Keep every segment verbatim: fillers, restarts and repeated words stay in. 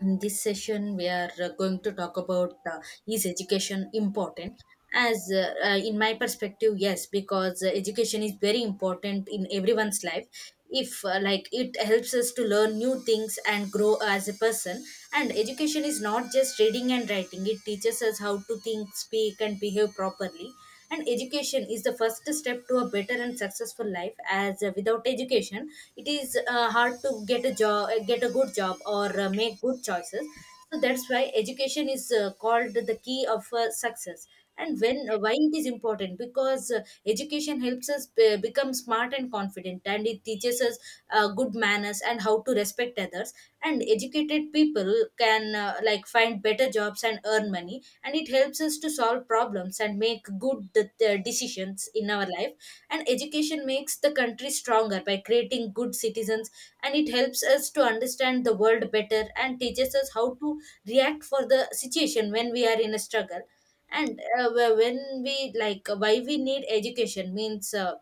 In this session we are uh, going to talk about uh, is education important? As uh, uh, in my perspective, yes, because uh, education is very important in everyone's life. If uh, like it helps us to learn new things and grow as a person. And education is not just reading and writing, it teaches us how to think, speak and behave properly. And education is the first step to a better and successful life, as uh, without education it is uh, hard to get a job, get a good job, or uh, make good choices. So that's why education is uh, called the key of uh, success. And when uh, why it is important, because uh, education helps us be- become smart and confident, and it teaches us uh, good manners and how to respect others. And educated people can uh, like find better jobs and earn money, and it helps us to solve problems and make good uh, decisions in our life. And education makes the country stronger by creating good citizens, and it helps us to understand the world better and teaches us how to react for the situation when we are in a struggle. And uh, wh- when we like why we need education means, uh,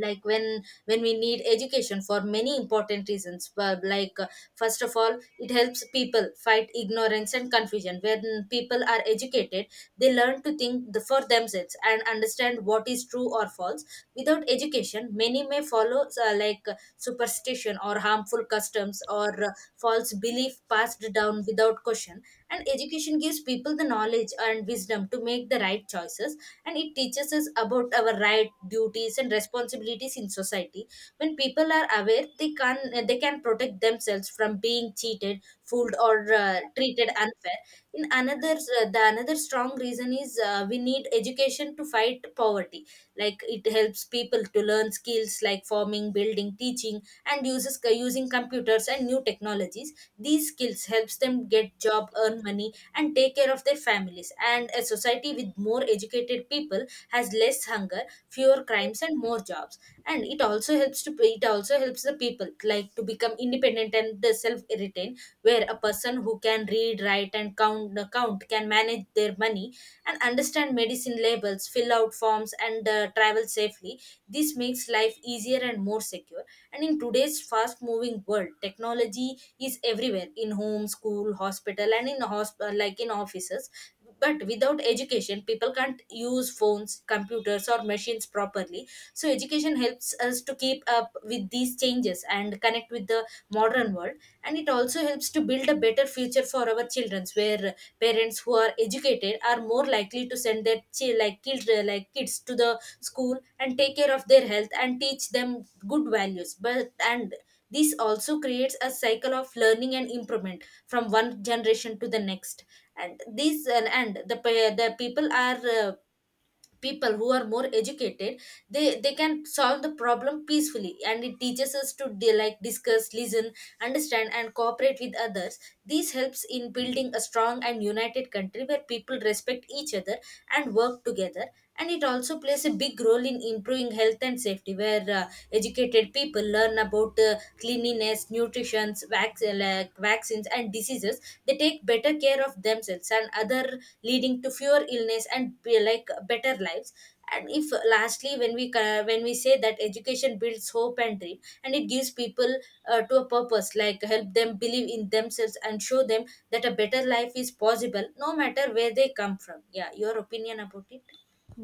like when when we need education for many important reasons. But like uh, first of all, it helps people fight ignorance and confusion. When people are educated, they learn to think the, for themselves and understand what is true or false. Without education, many may follow uh, like uh, superstition or harmful customs or uh, false belief passed down without question. And education gives people the knowledge and wisdom to make the right choices, and it teaches us about our right, duties and responsibilities in society. When people are aware, they can they can protect themselves from being cheated, fooled or uh, treated unfair. In another uh, the another strong reason is, uh, we need education to fight poverty. Like, it helps people to learn skills like farming, building, teaching, and uses uh, using computers and new technologies. These skills helps them get job, earn money and take care of their families, and a society with more educated people has less hunger, fewer crimes and more jobs. And it also helps to it also helps the people like to become independent and self retain, where a person who can read, write and count uh, count can manage their money and understand medicine labels, fill out forms, and uh, travel safely. This makes life easier and more secure. And in today's fast moving world, technology is everywhere in home, school, hospital, and in hospital, like in offices. But without education, people can't use phones, computers, or machines properly. So, education helps us to keep up with these changes and connect with the modern world. And it also helps to build a better future for our children, where parents who are educated are more likely to send their chi- like children like kids to the school and take care of their health and teach them good values. But and this also creates a cycle of learning and improvement from one generation to the next. And these and, and the pe- the people are, uh, people who are more educated, they they can solve the problem peacefully, and it teaches us to de- like discuss, listen, understand and cooperate with others. This helps in building a strong and united country where people respect each other and work together. And it also plays a big role in improving health and safety, where uh, educated people learn about uh, cleanliness, nutrition, vac- like vaccines and diseases. They take better care of themselves and other, leading to fewer illness and be like better lives. And if lastly, when we co- when we say that education builds hope and dream, and it gives people uh, to a purpose, like help them believe in themselves and show them that a better life is possible, no matter where they come from. Yeah, your opinion about it?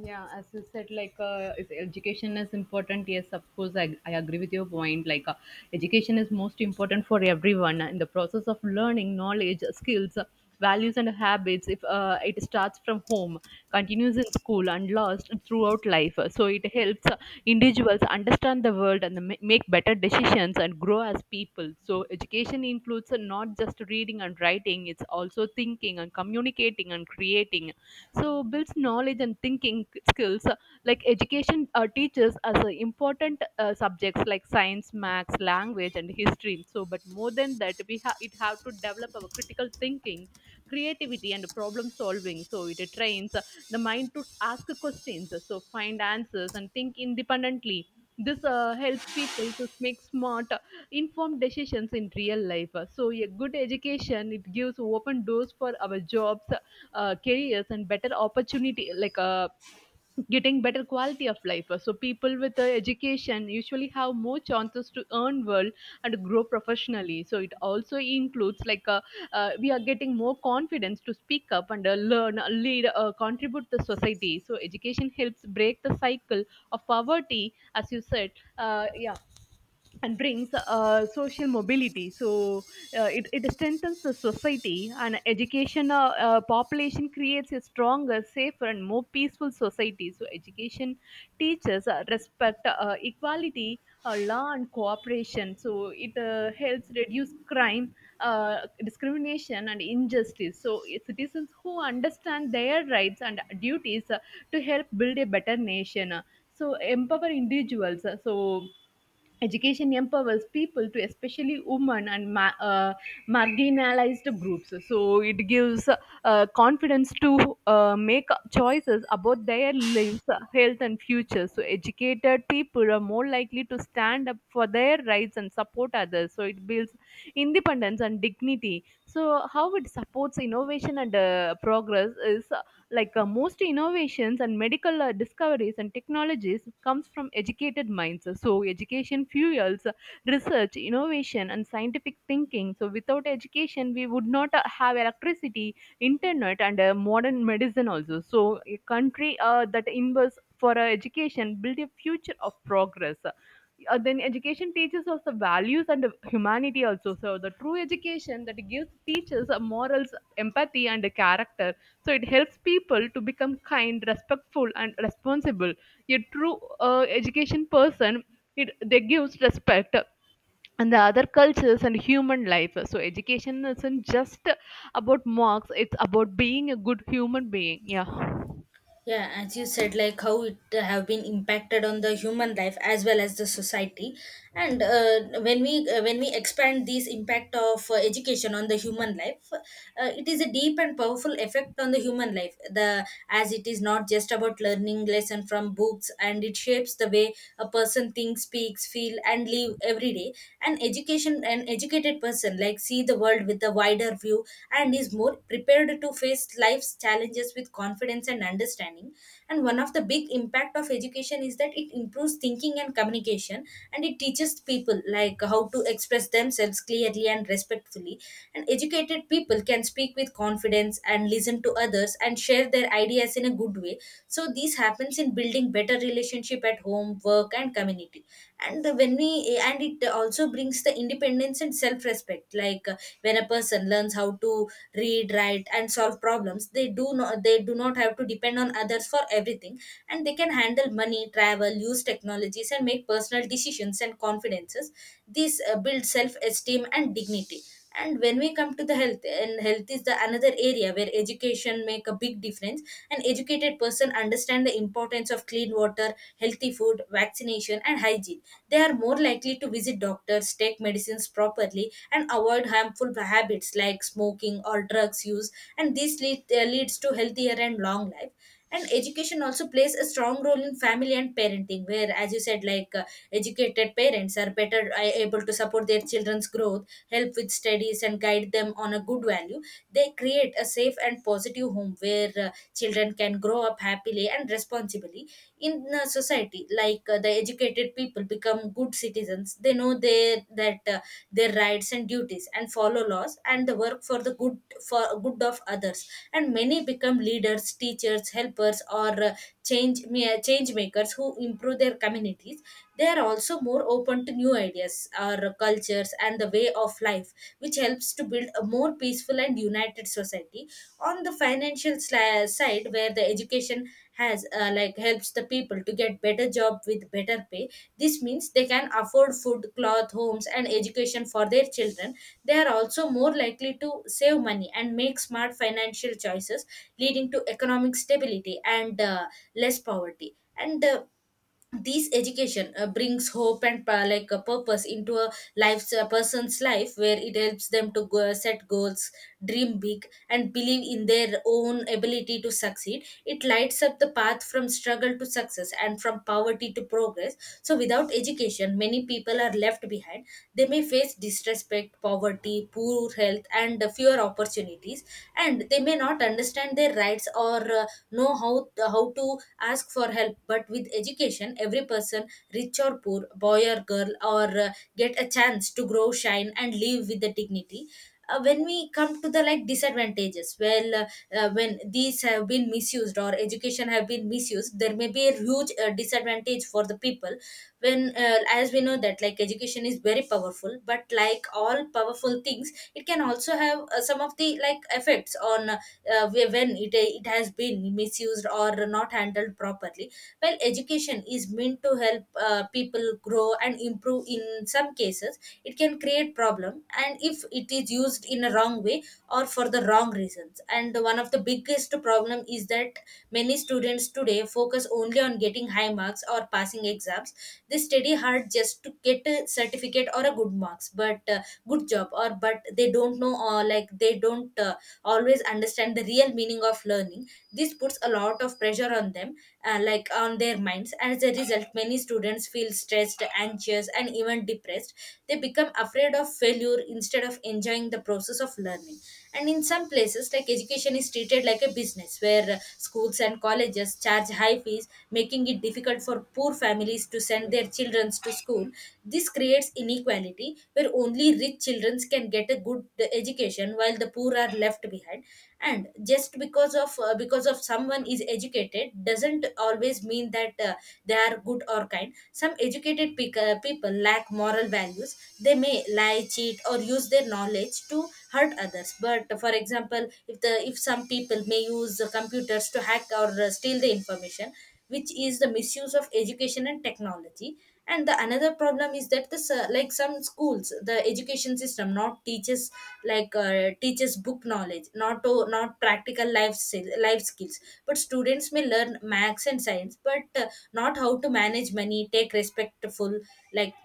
Yeah, as you said, like, uh, is education is important? Yes, of course, I, I agree with your point. Like, uh, education is most important for everyone in the process of learning knowledge, skills, uh, values and habits. If uh, it starts from home, continues in school and lost throughout life, so it helps uh, individuals understand the world and ma- make better decisions and grow as people. So education includes, uh, not just reading and writing, it's also thinking and communicating and creating, so builds knowledge and thinking skills. So, like, education uh, teaches us uh, important uh, subjects like science, maths, language and history. So but more than that, we have it have to develop our critical thinking, creativity and problem solving. So it trains uh, the mind to ask questions, uh, so find answers and think independently. This uh, helps people to make smart, uh, informed decisions in real life. So a good education, it gives open doors for our jobs, uh, careers and better opportunity, like, uh, getting better quality of life. So people with uh, education usually have more chances to earn well and grow professionally. So it also includes, like, uh, uh, we are getting more confidence to speak up and uh, learn, uh, lead, uh, contribute to society. So education helps break the cycle of poverty, as you said. Uh, yeah. And brings uh, social mobility. So uh, it, it strengthens the society. And education uh, uh, population creates a stronger, safer and more peaceful society. So education teaches uh, respect, uh, equality, uh, law and cooperation. So it uh, helps reduce crime, uh, discrimination and injustice. So citizens who understand their rights and duties uh, to help build a better nation. So empower individuals. So education empowers people to, especially women and ma- uh, marginalized groups. So it gives uh, confidence to uh, make choices about their lives, health, and future. So educated people are more likely to stand up for their rights and support others. So it builds independence and dignity. So how it supports innovation and uh, progress is like, uh, most innovations and medical uh, discoveries and technologies comes from educated minds. So education fuels uh, research, innovation and scientific thinking. So without education, we would not uh, have electricity, internet and uh, modern medicine also. So a country uh, that invests for uh, education build a future of progress. Uh, then education teaches us the values and humanity also. So the true education that gives teaches morals, empathy and character. So it helps people to become kind, respectful, and responsible. A true uh, education person, it they gives respect and the other cultures and human life. So education isn't just about marks; it's about being a good human being. Yeah. Yeah, as you said, like, how it have been impacted on the human life as well as the society. And uh, when we uh, when we expand this impact of uh, education on the human life, uh, it is a deep and powerful effect on the human life, the as it is not just about learning lesson from books, and it shapes the way a person thinks, speaks, feel and live every day. An education an educated person like see the world with a wider view and is more prepared to face life's challenges with confidence and understanding. And one of the big impact of education is that it improves thinking and communication, and it teaches people like how to express themselves clearly and respectfully. And educated people can speak with confidence and listen to others and share their ideas in a good way. So this happens in building better relationship at home, work and community. And the- when we and it also brings the independence and self respect, like uh, when a person learns how to read, write and solve problems, they do not they do not have to depend on others for everything, and they can handle money, travel, use technologies and make personal decisions and confidences. This uh, builds self esteem and dignity. And when we come to the health, and health is the another area where education make a big difference. An educated person understands the importance of clean water, healthy food, vaccination, and hygiene. They are more likely to visit doctors, take medicines properly, and avoid harmful habits like smoking or drugs use. And this lead, uh, leads to healthier and long life. And education also plays a strong role in family and parenting, where, as you said, like uh, educated parents are better uh, able to support their children's growth, help with studies and guide them on a good value. They create a safe and positive home where uh, children can grow up happily and responsibly in uh, society. Like, uh, the educated people become good citizens. They know their that uh, their rights and duties and follow laws and the work for the good, for good of others. And many become leaders, teachers, helpers, or uh, change ma- change makers who improve their communities. They are also more open to new ideas or cultures and the way of life, which helps to build a more peaceful and united society. On the financial sli- side, where the education has uh, like helps the people to get better job with better pay, this means they can afford food, cloth, homes, and education for their children. They are also more likely to save money and make smart financial choices, leading to economic stability and uh, less poverty. And uh, This education uh, brings hope and uh, like a purpose into a life's a person's life, where it helps them to go, set goals, dream big and believe in their own ability to succeed. It lights up the path from struggle to success, and from poverty to progress. So without education, many people are left behind. They may face disrespect, poverty, poor health and uh, fewer opportunities, and they may not understand their rights or uh, know how how to ask for help. But with education education, every person, rich or poor, boy or girl, or uh, get a chance to grow, shine, and live with the dignity. Uh, when we come to the like disadvantages, well, uh, uh, when these have been misused or education have been misused, there may be a huge uh, disadvantage for the people. When, uh, as we know that like education is very powerful, but like all powerful things, it can also have uh, some of the like effects on, uh, where- when it it has been misused or not handled properly. Well, education education is meant to help uh, people grow and improve. In some cases it can create problem, and if it is used in a wrong way or for the wrong reasons. And one of the biggest problem is that many students today focus only on getting high marks or passing exams. They study hard just to get a certificate or a good marks but uh, good job, or but they don't know, or like they don't uh, always understand the real meaning of learning. This puts a lot of pressure on them, uh, like on their minds. As a result, many students feel stressed, anxious, and even depressed. They become afraid of failure instead of enjoying the process of learning. And in some places, like education is treated like a business, where uh, schools and colleges charge high fees, making it difficult for poor families to send their children to school. This creates inequality where only rich children can get a good uh, education, while the poor are left behind. And just because of uh, because of someone is educated doesn't always mean that uh, they are good or kind. Some educated pe- uh, people lack moral values. They may lie, cheat, or use their knowledge to hurt others. But for example, if the if some people may use the computers to hack or uh, steal the information, which is the misuse of education and technology. And the another problem is that the s- like some schools, the education system not teaches like uh, teaches book knowledge, not to, not practical life skill, life skills. But students may learn maths and science, but uh, not how to manage money, take respectful, like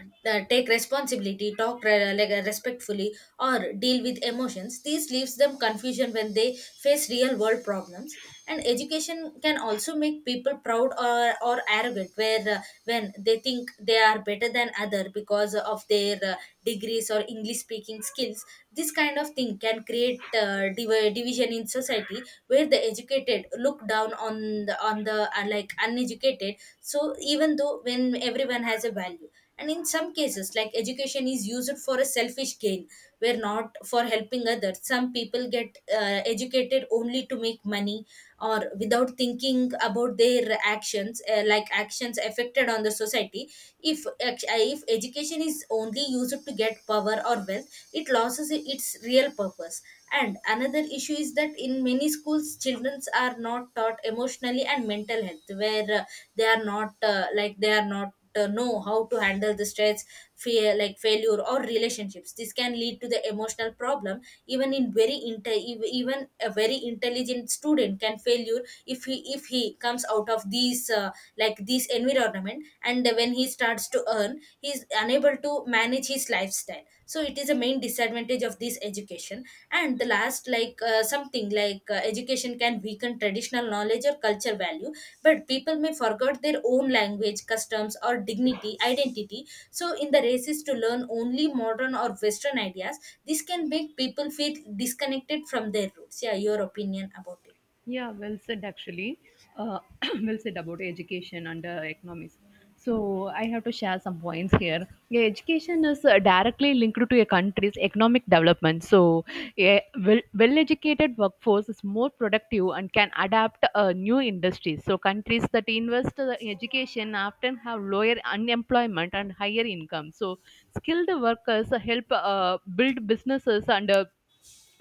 uh, take responsibility, talk re- like, uh, respectfully, or deal with emotions. This leaves them confusion when they face real world problems. And education can also make people proud or, or arrogant, where uh, when they think they are better than other because of their uh, degrees or English speaking skills. This kind of thing can create uh, div- division in society, where the educated look down on the on the uh, like uneducated. So even though when everyone has a value. And in some cases, like education is used for a selfish gain, where not for helping others. Some people get uh, educated only to make money or without thinking about their actions, uh, like actions affected on the society. If ex- uh, if education is only used to get power or wealth, it loses its real purpose. And another issue is that in many schools, children are not taught emotionally and mental health, where uh, they are not uh, like they are not uh, know how to handle the stress, fear, like failure or relationships. This can lead to the emotional problem. Even in very inte- ev- even a very intelligent student can failure. If he if he comes out of these uh, like this environment, and when he starts to earn, he is unable to manage his lifestyle. So it is a main disadvantage of this education. And the last, like uh, something like uh, education can weaken traditional knowledge or culture value. But people may forget their own language, customs, or dignity identity. So in the races to learn only modern or western ideas, this can make people feel disconnected from their roots. Yeah, your opinion about it? Yeah, well said actually. Uh, well said about education and uh, economics. So I have to share some points here. Yeah, education is uh, directly linked to a country's economic development. So a well, well-educated workforce is more productive and can adapt uh, new industries. So countries that invest in education often have lower unemployment and higher income. So skilled workers help uh, build businesses and uh,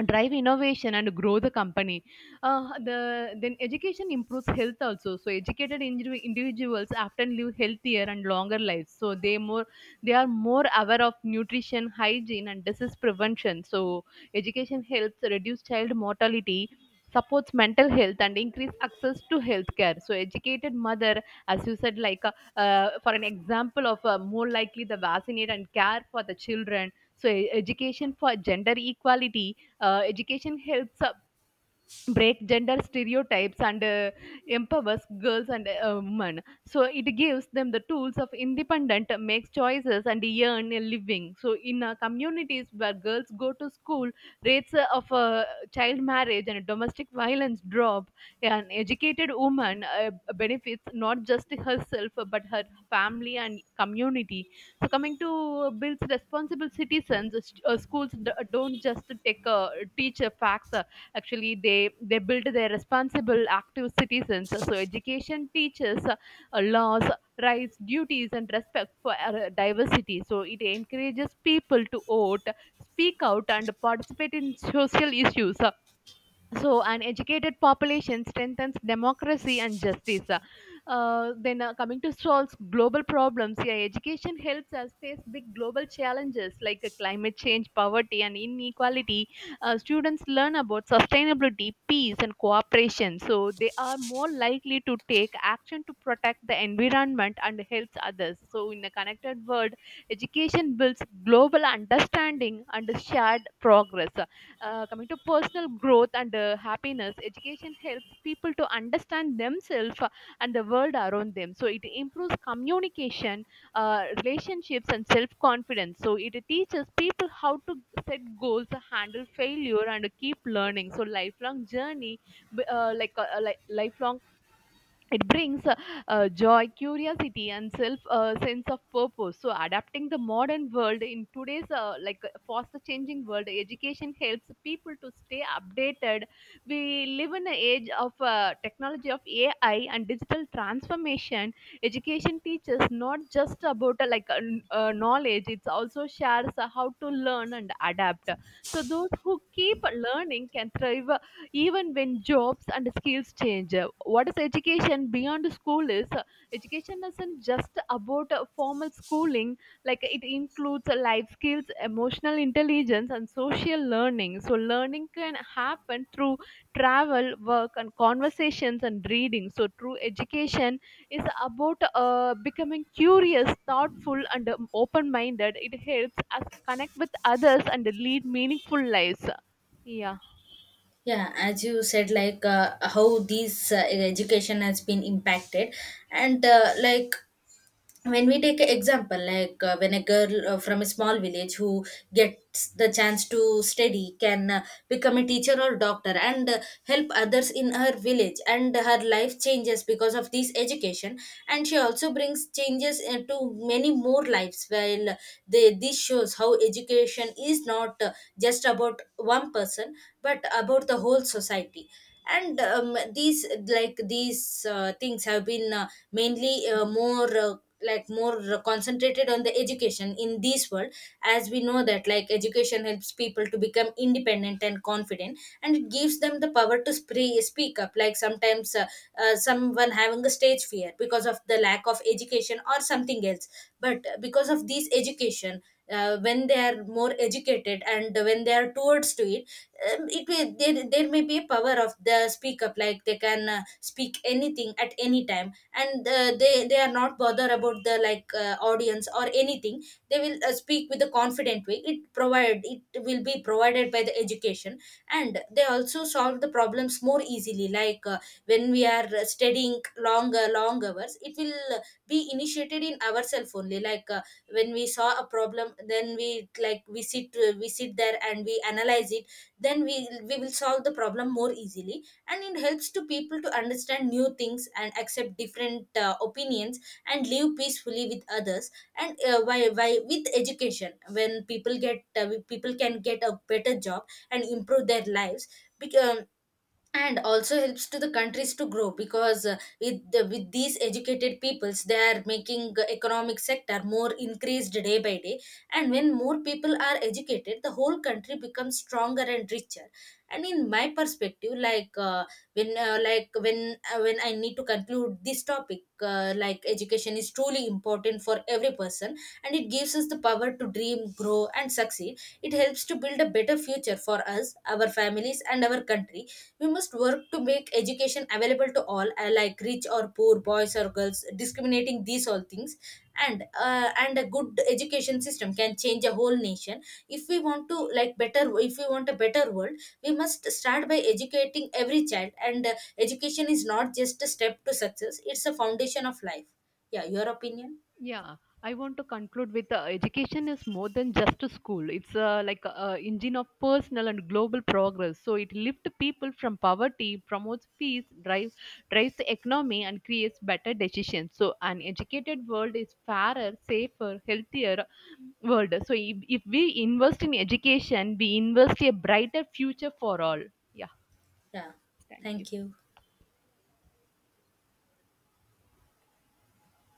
drive innovation and grow the company. Uh, the then education improves health also. So educated indiv- individuals often live healthier and longer lives. So they more they are more aware of nutrition, hygiene and disease prevention. So education helps reduce child mortality, supports mental health and increase access to healthcare. So educated mother, as you said, like, uh, uh, for an example of uh, more likely the vaccinate and care for the children. So e- education for gender equality. Uh, education helps uh, break gender stereotypes and uh, empowers girls and uh, women. So it gives them the tools of independent uh, makes choices and earn a living. So in uh, communities where girls go to school, rates uh, of uh, child marriage and domestic violence drop. An educated woman uh, benefits not just herself uh, but her family and community. So coming to uh, builds responsible citizens, uh, st- uh, schools d- don't just take, uh, teach uh, facts, uh, actually they they build their responsible active citizens. So education teaches uh, laws, rights, duties and respect for uh, diversity. So it encourages people to vote, speak out and participate in social issues. So, an educated population strengthens democracy and justice. Uh, then, uh, coming to solve global problems, yeah, education helps us face big global challenges like uh, climate change, poverty, and inequality. Uh, students learn about sustainability, peace, and cooperation. So, they are more likely to take action to protect the environment and helps others. So, in a connected world, education builds global understanding and shared progress. Uh, coming to personal growth and uh, happiness, education helps people to understand themselves uh, and the world around them. So it improves communication, uh, relationships, and self confidence. So it teaches people how to set goals, handle failure, and keep learning. So lifelong journey, uh, like uh, like lifelong, it brings uh, uh, joy, curiosity and self, uh, sense of purpose. So adapting the modern world, in today's uh, like uh, faster changing world, education helps people to stay updated. We live in an age of uh, technology, of AI and digital transformation. Education teaches not just about, uh, like uh, n- uh, knowledge, it's also shares uh, how to learn and adapt. So those who keep learning can thrive even when jobs and skills change. Uh, what is education beyond school is, uh, education isn't just about uh, formal schooling, like it includes uh, life skills, emotional intelligence and social learning. So learning can happen through travel, work and conversations and reading. So true education is about uh, becoming curious, thoughtful and um, open minded. It helps us connect with others and lead meaningful lives. Yeah. Yeah, as you said, like uh, how these uh, education has been impacted. And uh, like when we take an example, like uh, when a girl uh, from a small village who gets the chance to study can uh, become a teacher or doctor and uh, help others in her village, and her life changes because of this education. And she also brings changes uh, to many more lives. While they, this shows how education is not uh, just about one person, but about the whole society. And um, these like these uh, things have been uh, mainly uh, more uh, like more concentrated on the education in this world. As we know that, like education helps people to become independent and confident, and it gives them the power to spre- speak up. Like sometimes uh, uh, someone having a stage fear because of the lack of education or something else. But because of this education, uh, when they are more educated and when they are towards to it, um, it may there, there may be a power of the speak up. Like they can uh, speak anything at any time, and uh, they they are not bothered about the like uh, audience or anything. They will uh, speak with a confident way. It provide it will be provided by the education. And they also solve the problems more easily. Like uh, when we are uh, studying longer long hours, it will uh, be initiated in ourselves only. Like uh, when we saw a problem, then we like we sit uh, we sit there and we analyze it, then we we will solve the problem more easily. And it helps to people to understand new things and accept different uh, opinions and live peacefully with others. And uh, why why with education, when people get uh, people can get a better job and improve their lives. because, and also helps to the countries to grow, because uh, with the, with these educated peoples, they are making the economic sector more increased day by day. And when more people are educated, the whole country becomes stronger and richer. And in my perspective, like uh, when uh, like when uh, when I need to conclude this topic, uh, like education is truly important for every person, and it gives us the power to dream, grow, and succeed. It helps to build a better future for us, our families, and our country. We must work to make education available to all, uh, like rich or poor, boys or girls, discriminating these all things. And uh, and a good education system can change a whole nation. If we want to like better if we want a better world, we must start by educating every child. And uh, education is not just a step to success, it's a foundation of life. Yeah, your opinion? Yeah, I want to conclude with, uh, education is more than just a school. It's uh, like an engine of personal and global progress. So it lifts people from poverty, promotes peace, drive, drives the economy, and creates better decisions. So an educated world is fairer, safer, healthier world. So if, if we invest in education, we invest a brighter future for all. Yeah, Yeah, thank you. thank you.